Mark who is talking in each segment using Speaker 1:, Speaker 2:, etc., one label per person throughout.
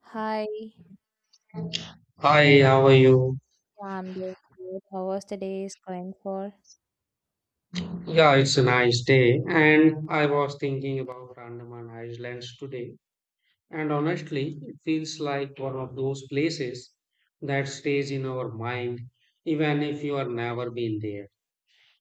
Speaker 1: Hi,
Speaker 2: Hi, how are you?
Speaker 1: I'm doing good. How was the day is going for?
Speaker 2: Yeah, it's a nice day, and I was thinking about Andaman Islands today, and honestly, it feels like one of those places that stays in our mind, even if you have never been there.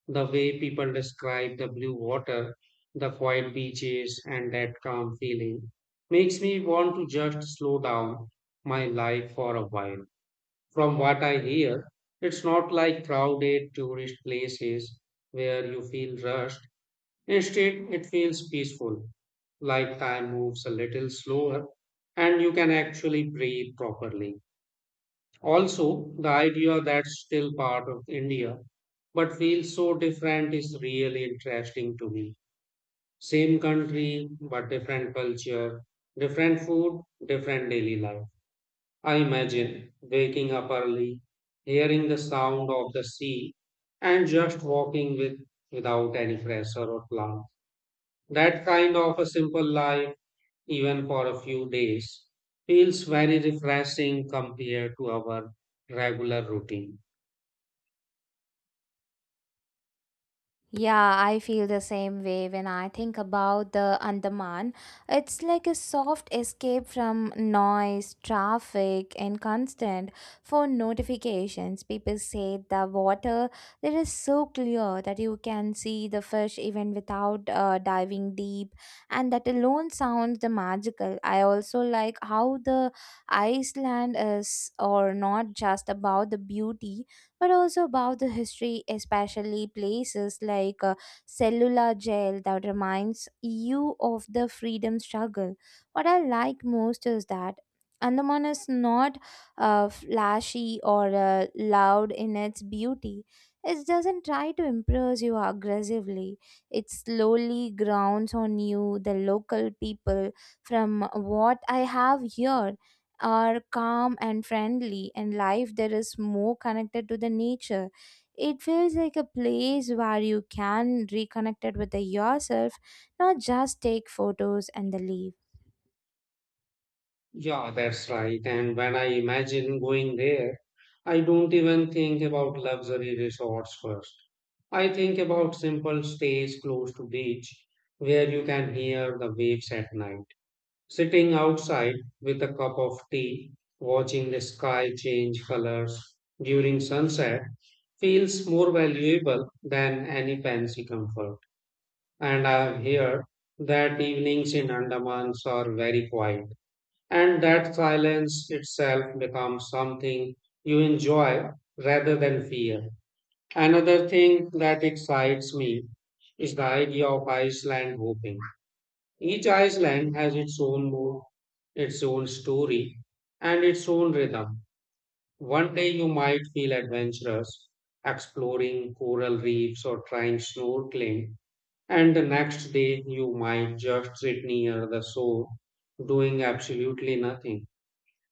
Speaker 2: The way people describe the blue water, the quiet beaches, and that calm feeling makes me want to just slow down my life for a while. From what I hear, it's not like crowded tourist places where you feel rushed. Instead, it feels peaceful, like time moves a little slower and you can actually breathe properly. Also, the idea that's still part of India but feels so different is really interesting to me. Same country, but different culture, different food, different daily life. I imagine waking up early, hearing the sound of the sea, and just walking with, without any pressure or plan. That kind of a simple life, even for a few days, feels very refreshing compared to our regular routine.
Speaker 1: Yeah, I feel the same way when I think about the Andaman. It's like a soft escape from noise, traffic, and constant phone notifications. People say the water there is so clear that you can see the fish even without diving deep, and that alone sounds the magical. I also like how the Iceland is, or not just about the beauty but also about the history, especially places like Cellular Jail that reminds you of the freedom struggle. What I like most is that Andaman is not flashy or loud in its beauty. It doesn't try to impress you aggressively. It slowly grounds on you. The local people, from what I have here, are calm and friendly, and life there is more connected to the nature. It feels like a place where you can reconnect it with the yourself, not just take photos and the leave.
Speaker 2: Yeah, that's right. And when I imagine going there, I don't even think about luxury resorts first. I think about simple stays close to beach where you can hear the waves at night. Sitting outside with a cup of tea, watching the sky change colors during sunset feels more valuable than any fancy comfort. And I have heard that evenings in Andamans are very quiet and that silence itself becomes something you enjoy rather than fear. Another thing that excites me is the idea of Iceland hopping. Each island has its own mood, its own story, and its own rhythm. One day you might feel adventurous, exploring coral reefs or trying snorkeling, and the next day you might just sit near the shore doing absolutely nothing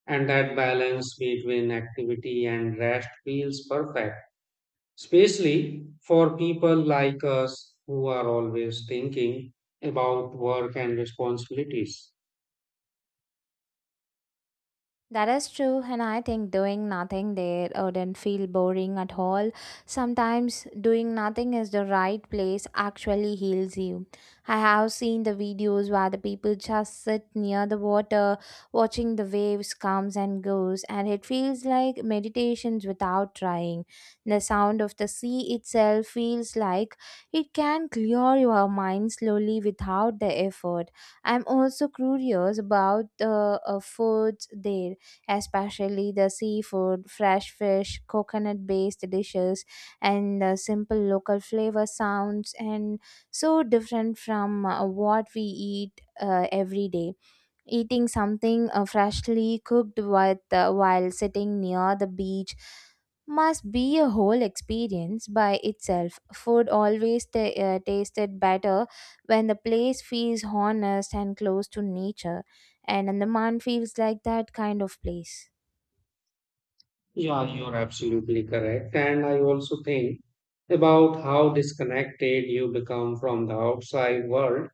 Speaker 2: and that balance between activity and rest feels perfect, especially for people like us who are always thinking about work and responsibilities.
Speaker 1: That is true, and I think doing nothing there wouldn't feel boring at all. Sometimes doing nothing is the right place actually heals you. I have seen the videos where the people just sit near the water, watching the waves comes and goes, and it feels like meditations without trying. The sound of the sea itself feels like it can clear your mind slowly without the effort. I'm also curious about the foods there, especially the seafood, fresh fish, coconut based dishes, and simple local flavor sounds, and so different from what we eat every day. Eating something freshly cooked with, while sitting near the beach must be a whole experience by itself. Food always ta tasted better when the place feels honest and close to nature, and Andaman feels like that kind of place.
Speaker 2: Yeah, you're absolutely correct. And I also think about how disconnected you become from the outside world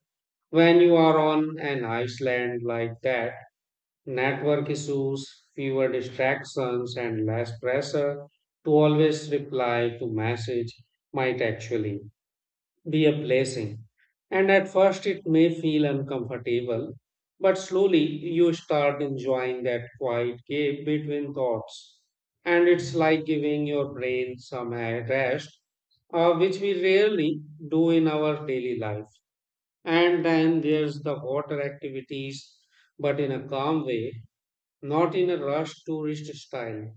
Speaker 2: when you are on an island like that network issues, fewer distractions, and less pressure to always reply to message might actually be a blessing. And at first, it may feel uncomfortable, but slowly you start enjoying that quiet gap between thoughts. And it's like giving your brain some air rest, which we rarely do in our daily life. And then there's the water activities, but in a calm way not in a rush tourist style.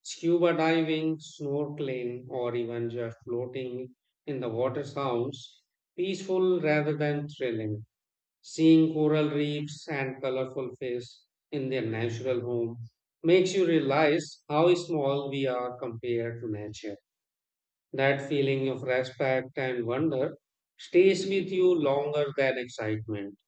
Speaker 2: Scuba diving, snorkeling, or even just floating in the water sounds peaceful rather than thrilling. Seeing coral reefs and colorful fish in their natural home makes you realize how small we are compared to nature. That feeling of respect and wonder stays with you longer than excitement.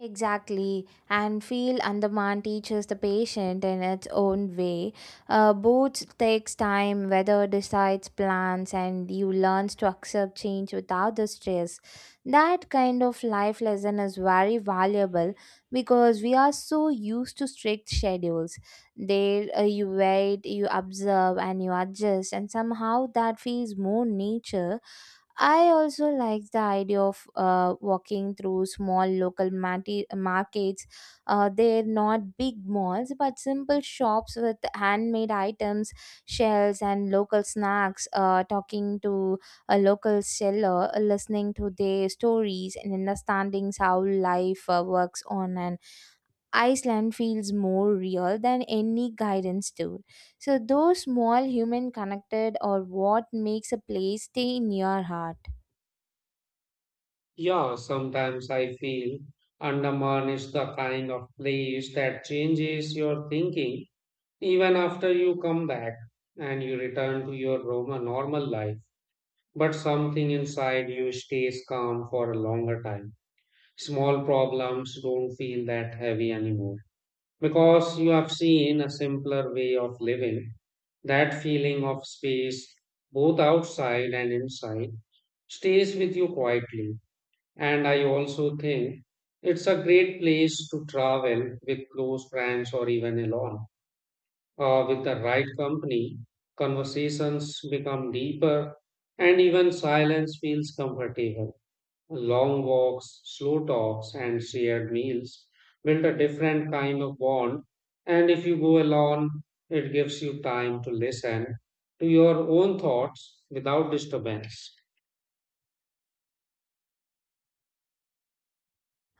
Speaker 1: Exactly, and feel Andaman teaches the patient in its own way. Both takes time, weather decides plans, and you learns to accept change without the stress. That kind of life lesson is very valuable because we are so used to strict schedules. There, you wait, you observe, and you adjust, and somehow that feels more nature. I also like the idea of walking through small local markets. They're not big malls, but simple shops with handmade items, shells, and local snacks. Talking to a local seller, listening to their stories, and understanding how life works on an Iceland feels more real than any guidance tool. So, those small human connected or what makes a place stay in your heart.
Speaker 2: Yeah, sometimes I feel Andaman is the kind of place that changes your thinking even after you come back and you return to your Roma normal life. But something inside you stays calm for a longer time. Small problems don't feel that heavy anymore because you have seen a simpler way of living. That feeling of space, both outside and inside, stays with you quietly. And I also think it's a great place to travel with close friends or even alone. With the right company, conversations become deeper and even silence feels comfortable. Long walks, slow talks, and shared meals build a different kind of bond. And if you go alone, it gives you time to listen to your own thoughts without disturbance.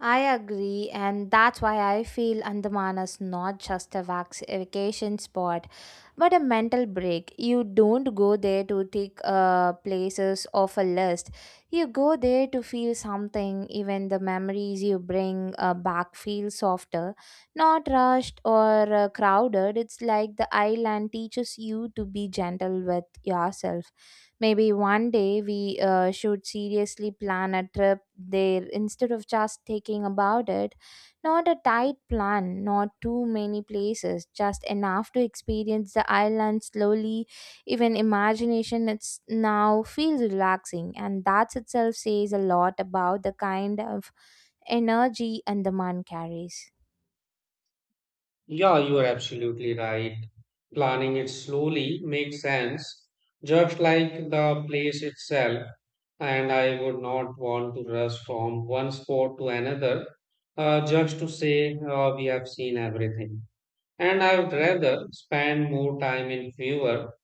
Speaker 1: I agree, and that's why I feel Andaman is not just a vacation spot, but a mental break. You don't go there to tick places off a list. You go there to feel something. Even the memories you bring back feel softer, not rushed or crowded. It's like the island teaches you to be gentle with yourself. Maybe one day we should seriously plan a trip there instead of just taking about it. Not a tight plan, not too many places, just enough to experience the island slowly. Even imagination it's now feels relaxing, and that itself says a lot about the kind of energy and the man carries.
Speaker 2: Yeah, you are absolutely right. Planning it slowly makes sense, just like the place itself. And I would not want to rush from one spot to another just to say we have seen everything. And I would rather spend more time in fewer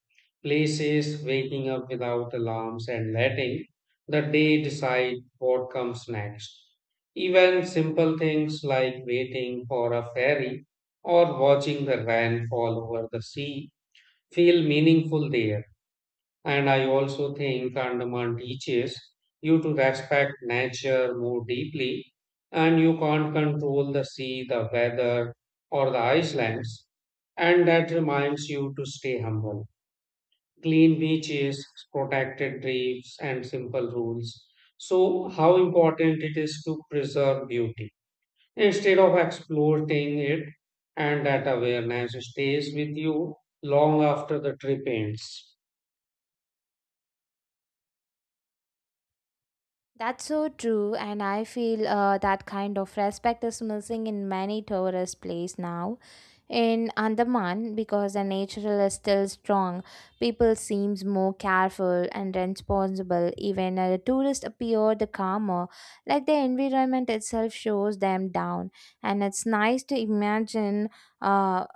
Speaker 2: places, waking up without alarms, and letting the day decide what comes next. Even simple things like waiting for a ferry or watching the rain fall over the sea feel meaningful there. And I also think Andaman teaches you to respect nature more deeply, and you can't control the sea, the weather, or the islands. And that reminds you to stay humble clean beaches, protected reefs, and simple rules. So, how important it is to preserve beauty instead of exploiting it, and that awareness stays with you long after the trip ends.
Speaker 1: That's so true, and I feel that kind of respect is missing in many tourist places now. In Andaman, because the nature is still strong, people seems more careful and responsible. Even a tourist appear the calmer, like the environment itself shows them down. And it's nice to imagine uh,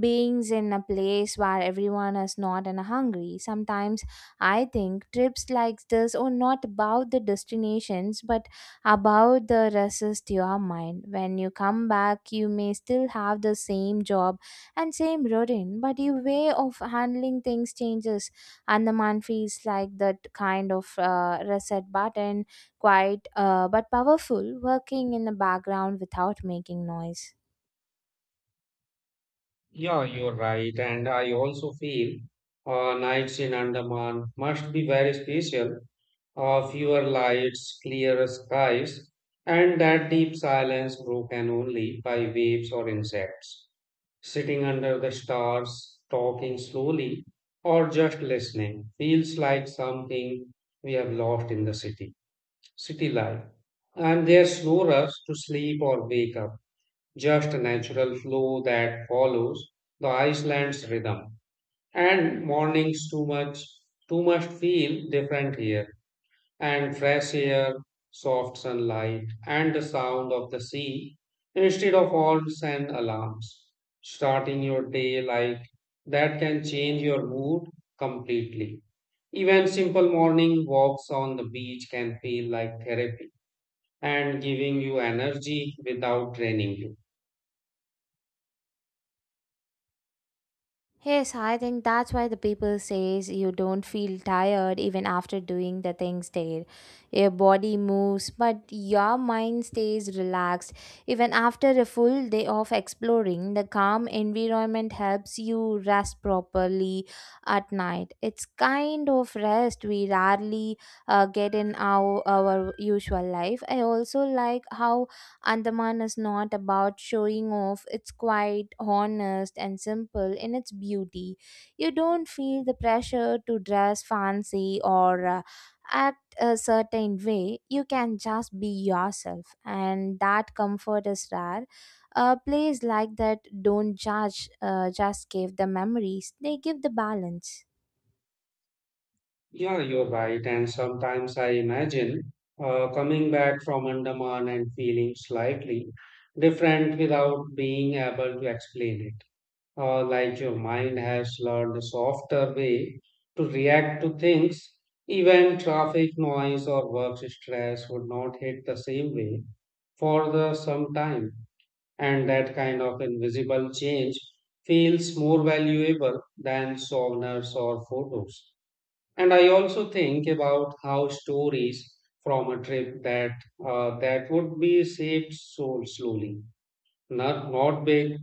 Speaker 1: beings in a place where everyone is not and hungry. Sometimes I think trips like this are not about the destinations but about the resist your mind. When you come back, you may still have the same job and same routine, but your way of handling things changes. And the man feels like that kind of reset button, quite but powerful, working in the background without making noise.
Speaker 2: Yeah, you're right, and I also feel nights in Andaman must be very special. Fewer lights, clearer skies, and that deep silence broken only by waves or insects. Sitting under the stars, talking slowly, or just listening feels like something we have lost in the city, city life. And there's no rush to sleep or wake up, just a natural flow that follows the Iceland's rhythm. And mornings too much feel different here and fresh air, soft sunlight, and the sound of the sea instead of horns and alarms. Starting your day like that can change your mood completely. Even simple morning walks on the beach can feel like therapy and giving you energy without draining you.
Speaker 1: Yes, I think that's why the people says you don't feel tired even after doing the things there. Your body moves, but your mind stays relaxed. Even after a full day of exploring, the calm environment helps you rest properly at night. It's kind of rest we rarely get in our usual life. I also like how Andaman is not about showing off. It's quite honest and simple in its beauty. You don't feel the pressure to dress fancy or act a certain way. You can just be yourself, and that comfort is rare. A place like that don't judge, just give the memories, they give the balance.
Speaker 2: Yeah, you're right. And sometimes I imagine coming back from Andaman and feeling slightly different without being able to explain it like your mind has learned a softer way to react to things. Even traffic noise or work stress would not hit the same way for the some time, and that kind of invisible change feels more valuable than souvenirs or photos. And I also think about how stories from a trip that would be saved so slowly not big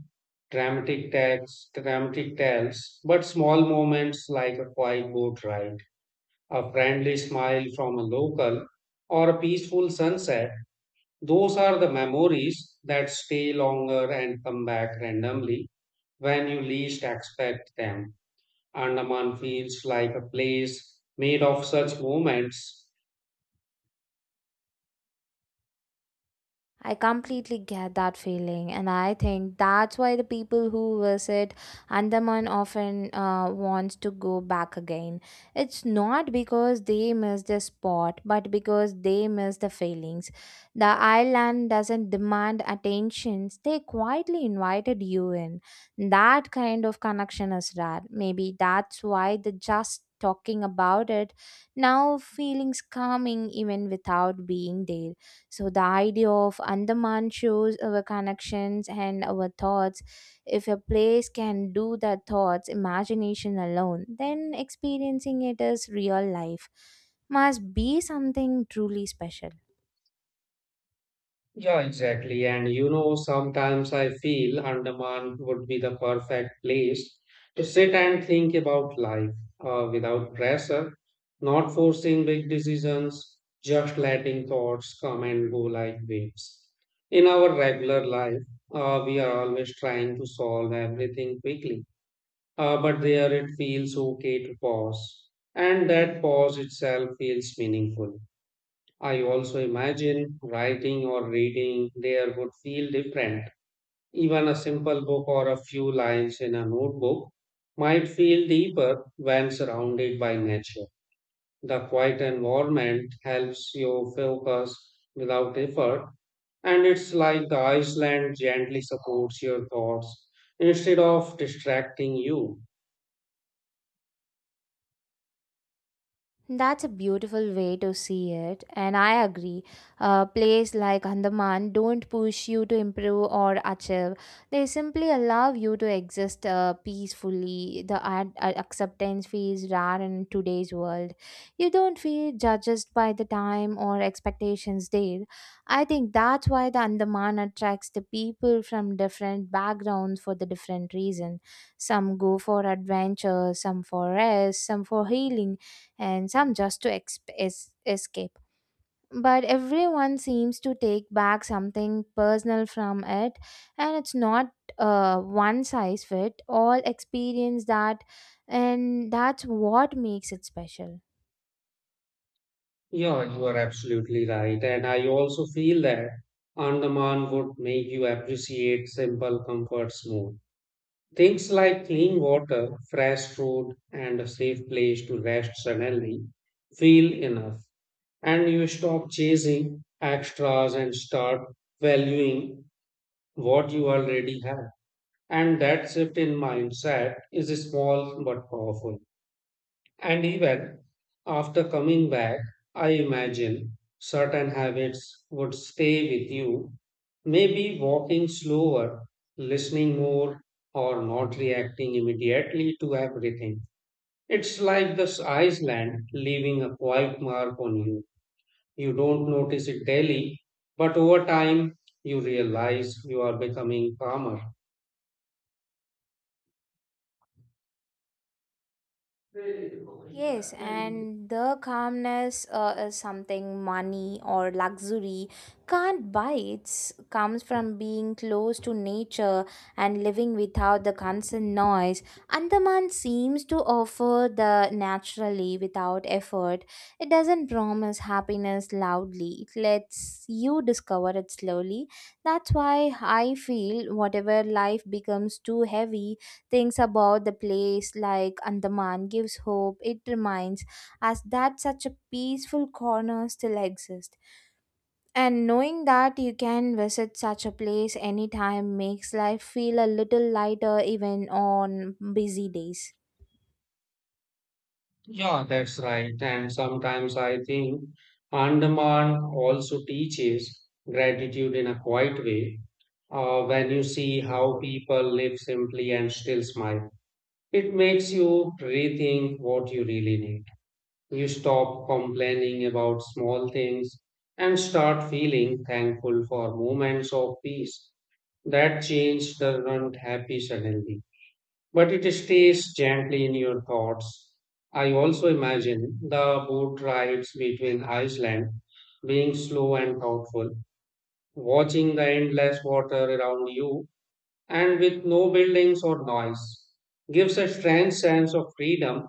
Speaker 2: dramatic texts, dramatic tales, but small moments like a quiet boat ride, a friendly smile from a local, or a peaceful sunset. Those are the memories that stay longer and come back randomly when you least expect them. Andaman feels like a place made of such moments.
Speaker 1: I completely get that feeling, and I think that's why the people who visit Andaman often wants to go back again. It's not because they miss the spot, but because they miss the feelings. The island doesn't demand attention; they quietly invited you in. That kind of connection is rare. Maybe that's why the just talking about it now feelings calming even without being there, so the idea of Andaman shows our connections and our thoughts. If a place can do that thoughts, imagination alone, then experiencing it as real life must be something truly special.
Speaker 2: Yeah, exactly. And you know, sometimes I feel Andaman would be the perfect place to sit and think about life without pressure, not forcing big decisions, just letting thoughts come and go like waves. In our regular life, we are always trying to solve everything quickly, but there it feels okay to pause, and that pause itself feels meaningful. I also imagine writing or reading there would feel different. Even a simple book or a few lines in a notebook might feel deeper when surrounded by nature. The quiet environment helps you focus without effort, and it's like the Iceland gently supports your thoughts instead of distracting you.
Speaker 1: That's a beautiful way to see it, and I agree. A place like Andaman don't push you to improve or achieve. They simply allow you to exist peacefully. The acceptance feels rare in today's world. You don't feel judged by the time or expectations there. I think that's why the Andaman attracts the people from different backgrounds for the different reason. Some go for adventure, some for rest, some for healing, and some just to escape. But everyone seems to take back something personal from it, and it's not one size fit all experience that, and that's what makes it special.
Speaker 2: Yeah, you are absolutely right. And I also feel that Andaman would make you appreciate simple comforts more. Things like clean water, fresh food, and a safe place to rest suddenly feel enough. And you stop chasing extras and start valuing what you already have. And that shift in mindset is small but powerful. And even after coming back, I imagine certain habits would stay with you. Maybe walking slower, listening more, or not reacting immediately to everything. It's like this Iceland leaving a quiet mark on you. You don't notice it daily, but over time, you realize you are becoming calmer.
Speaker 1: Yes, and the calmness is something money or luxury can't buy. It comes from being close to nature and living without the constant noise. Andaman seems to offer the naturally without effort. It doesn't promise happiness loudly. It lets you discover it slowly. That's why I feel whatever life becomes too heavy, things about the place like Andaman gives hope. It reminds us that such a peaceful corner still exists. And knowing that you can visit such a place anytime makes life feel a little lighter even on busy days.
Speaker 2: Yeah, that's right. And sometimes I think Andaman also teaches gratitude in a quiet way. When you see how people live simply and still smile, it makes you rethink what you really need. You stop complaining about small things and start feeling thankful for moments of peace. That change doesn't happen suddenly but it stays gently in your thoughts. I also imagine the boat rides between Iceland being slow and thoughtful, watching the endless water around you and with no buildings or noise. Gives a strange sense of freedom,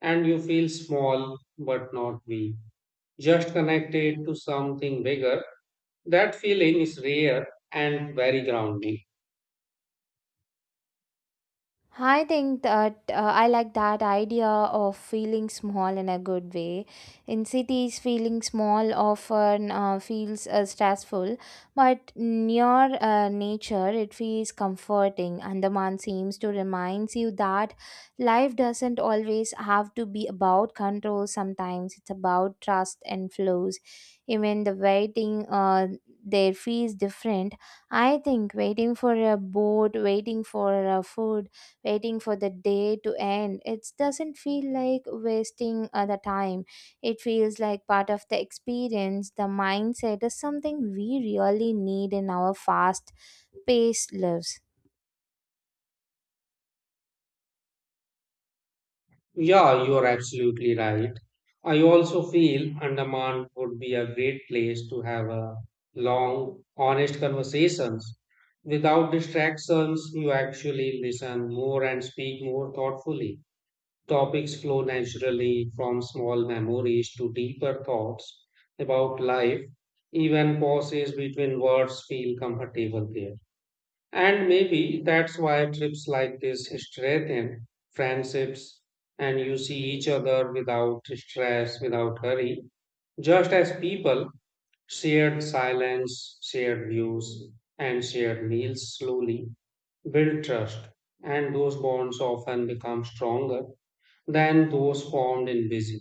Speaker 2: and you feel small but not weak, just connected to something bigger. That feeling is rare and very grounding.
Speaker 1: I think that I like that idea of feeling small in a good way. In cities, feeling small often feels stressful, but near nature, it feels comforting. Andaman seems to remind you that life doesn't always have to be about control. Sometimes it's about trust and flows. Even the waiting there feels different. I think waiting for a boat, waiting for food, waiting for the day to end. It doesn't feel like wasting the time. It feels like part of the experience. The mindset is something we really need in our fast paced lives.
Speaker 2: Yeah, you're absolutely right. I also feel Andaman would be a great place to have a long, honest conversations. Without distractions, you actually listen more and speak more thoughtfully. Topics flow naturally from small memories to deeper thoughts about life. Even pauses between words feel comfortable there. And maybe that's why trips like this strengthen friendships and you see each other without stress, without hurry, just as people shared silence, shared views, and shared meals slowly build trust. And those bonds often become stronger than those formed in busy,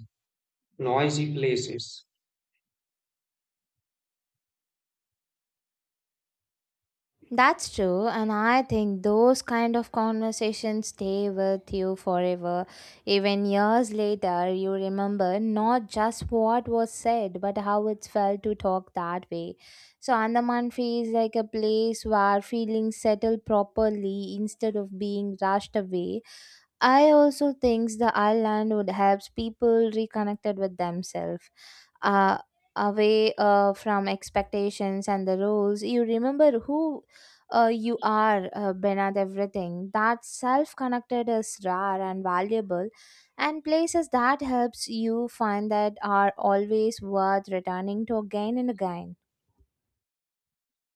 Speaker 2: noisy places.
Speaker 1: That's true, and I think those kind of conversations stay with you forever. Even years later, you remember not just what was said, but how it felt to talk that way. So, Andaman feels like a place where feelings settle properly instead of being rushed away. I also think the island would help people reconnected with themselves, uh, away from expectations and the rules. You remember who you are beneath everything. That self-connected is rare and valuable, and places that helps you find that are always worth returning to again and again.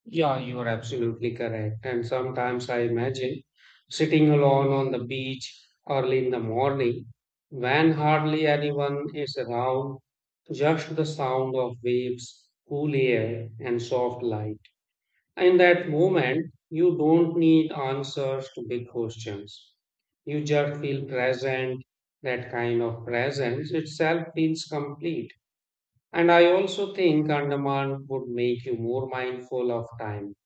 Speaker 2: Yeah, you are absolutely correct. And sometimes I imagine sitting alone on the beach early in the morning when hardly anyone is around, just the sound of waves, cool air, and soft light. In that moment, you don't need answers to big questions. You just feel present. That kind of presence itself feels complete. And I also think Andaman would make you more mindful of time.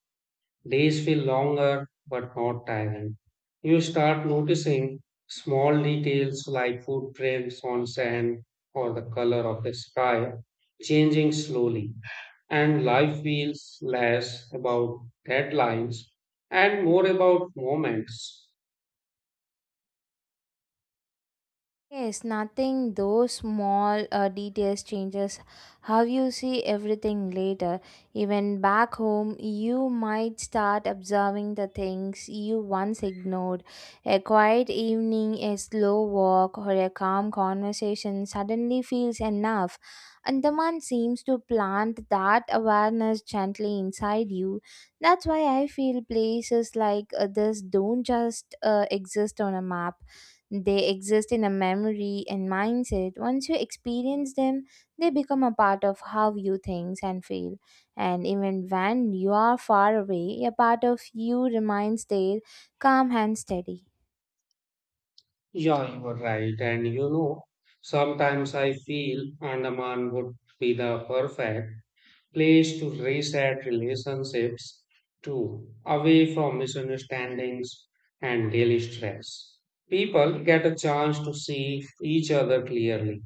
Speaker 2: Days feel longer but not tiring. You start noticing small details like footprints on sand or the color of the sky changing slowly. And life feels less about deadlines and more about moments.
Speaker 1: Yes, nothing. Those small details changes how you see everything later. Even back home, you might start observing the things you once ignored. A quiet evening, a slow walk, or a calm conversation suddenly feels enough. Andaman seems to plant that awareness gently inside you. That's why I feel places like this don't just exist on a map. They exist in a memory and mindset. Once you experience them, they become a part of how you think and feel. And even when you are far away, a part of you remains there, calm and steady.
Speaker 2: Yeah, you are right. And you know, sometimes I feel Andaman would be the perfect place to reset relationships too, away from misunderstandings and daily stress. People get a chance to see each other clearly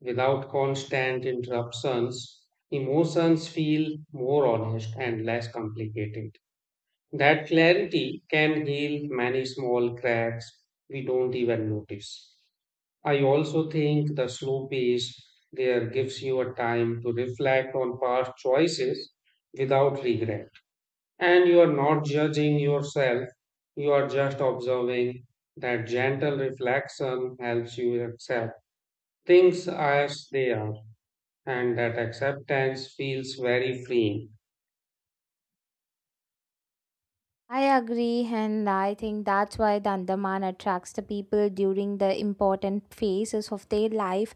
Speaker 2: without constant interruptions. Emotions feel more honest and less complicated. That clarity can heal many small cracks we don't even notice. I also think the slow pace there gives you a time to reflect on past choices without regret. And you are not judging yourself, you are just observing. That gentle reflection helps you accept things as they are, and that acceptance feels very freeing.
Speaker 1: I agree, and I think that's why the Andaman attracts the people during the important phases of their life.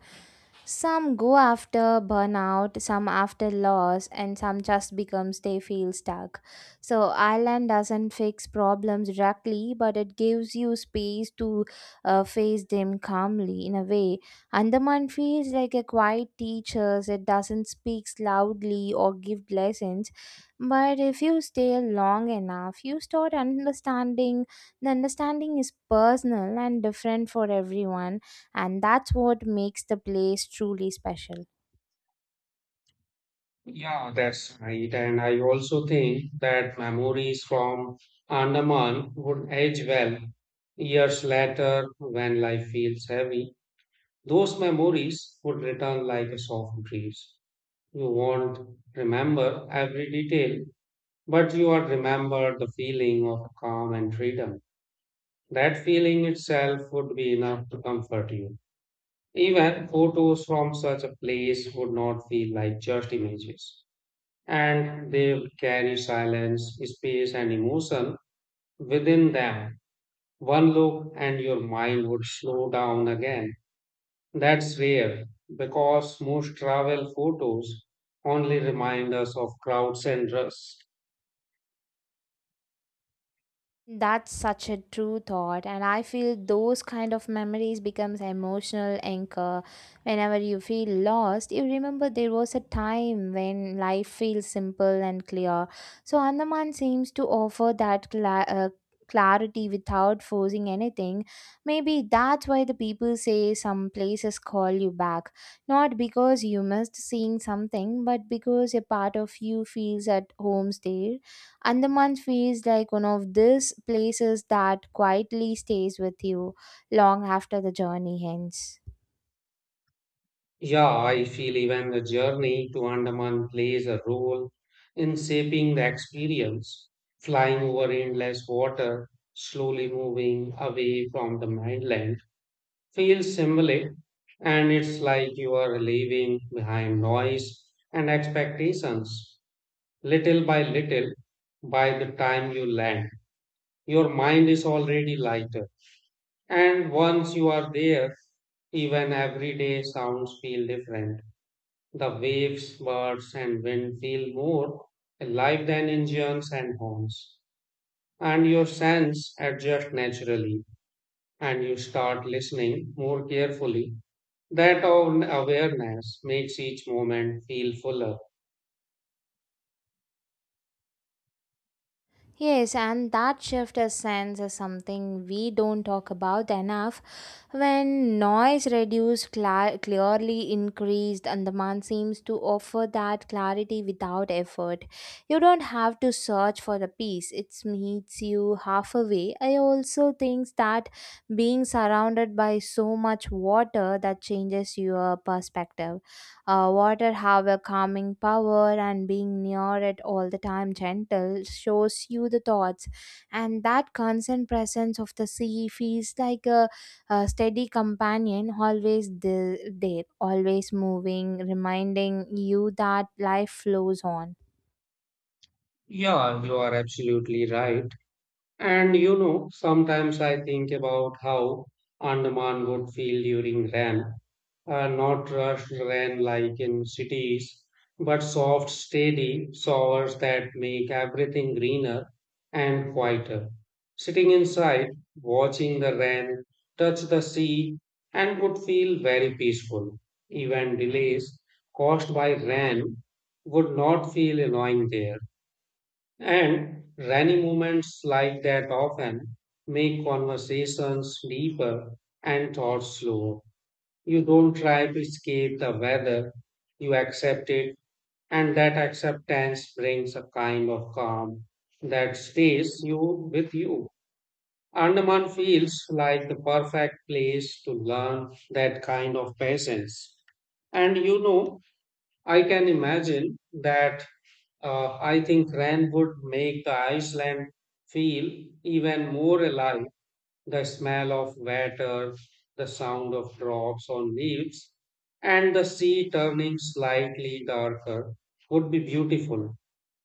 Speaker 1: Some go after burnout, some after loss, and some just becomes they feel stuck. So, Island doesn't fix problems directly, but it gives you space to face them calmly in a way. Andaman feels like a quiet teacher. It doesn't speak loudly or give lessons. But if you stay long enough, you start understanding. The understanding is personal and different for everyone, and that's what makes the place truly special.
Speaker 2: Yeah, that's right. And I also think that memories from Andaman would age well. Years later, when life feels heavy, those memories would return like a soft breeze. You won't remember every detail, but you would remember the feeling of calm and freedom. That feeling itself would be enough to comfort you. Even photos from such a place would not feel like just images and they carry silence, space, and emotion within them. One look and your mind would slow down again. That's rare because most travel photos only remind us of crowds and rush.
Speaker 1: That's such a true thought, and I feel those kind of memories becomes emotional anchor. Whenever you feel lost, you remember there was a time when life feels simple and clear. So Andaman seems to offer that clarity without forcing anything. Maybe that's why the people say some places call you back, not because you missed seeing something, but because a part of you feels at home there. Andaman feels like one of these places that quietly stays with you long after the journey ends.
Speaker 2: Yeah, I feel even the journey to Andaman plays a role in shaping the experience. Flying over endless water, slowly moving away from the mainland feels symbolic and it's like you are leaving behind noise and expectations. Little by little, by the time you land, your mind is already lighter. And once you are there, even everyday sounds feel different. The waves, birds, and wind feel more alive than engines and horns. And your sense adjust naturally, and you start listening more carefully. That own awareness makes each moment feel fuller.
Speaker 1: Yes, and that shift is sense is something we don't talk about enough. When noise reduced, cla clearly increased, and the man seems to offer that clarity without effort. You don't have to search for the peace; it meets you halfway. I also think that being surrounded by so much water that changes your perspective. Water have a calming power, and being near it all the time, gentle, shows you the thoughts, and that constant presence of the sea feels like a steady companion, always there, always moving, reminding you that life flows on.
Speaker 2: Yeah, you are absolutely right. And you know, sometimes I think about how Andaman would feel during Ram not rushed rain like in cities, but soft, steady showers that make everything greener and quieter. Sitting inside, watching the rain touch the sea, and would feel very peaceful. Even delays caused by rain would not feel annoying there. And rainy moments like that often make conversations deeper and thoughts slower. You don't try to escape the weather, you accept it, and that acceptance brings a kind of calm that stays you with you. Andaman feels like the perfect place to learn that kind of patience. And you know, I can imagine that I think Ren would make the Iceland feel even more alive the smell of water, the sound of drops on leaves, and the sea turning slightly darker would be beautiful.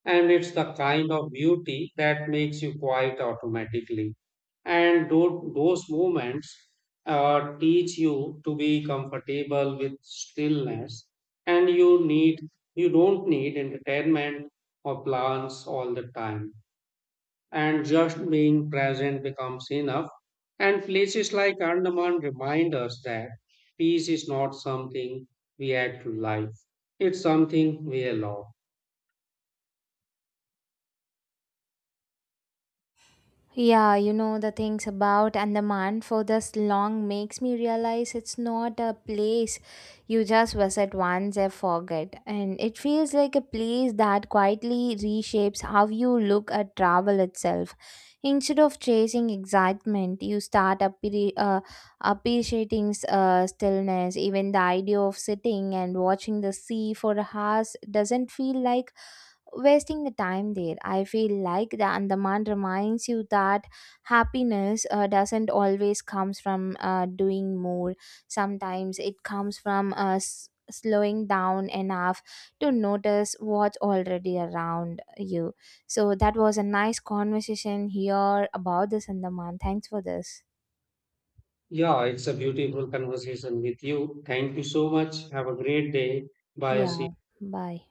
Speaker 2: And it's the kind of beauty that makes you quiet automatically. And those moments teach you to be comfortable with stillness. And you don't need entertainment or plans all the time and just being present becomes enough. And places like Andaman remind us that peace is not something we add to life, it's something we allow.
Speaker 1: Yeah, you know the things about Andaman for this long makes me realize it's not a place you just visit once and forget. And it feels like a place that quietly reshapes how you look at travel itself. Instead of chasing excitement, you start appreciating stillness. Even the idea of sitting and watching the sea for hours doesn't feel like wasting the time there. I feel like the Andaman reminds you that happiness doesn't always comes from doing more. Sometimes it comes from slowing down enough to notice what's already around you. So that was a nice conversation here about this Andaman. Thanks for this.
Speaker 2: Yeah, it's a beautiful conversation with you. Thank you so much. Have a great day. Bye. See
Speaker 1: Yeah. Bye.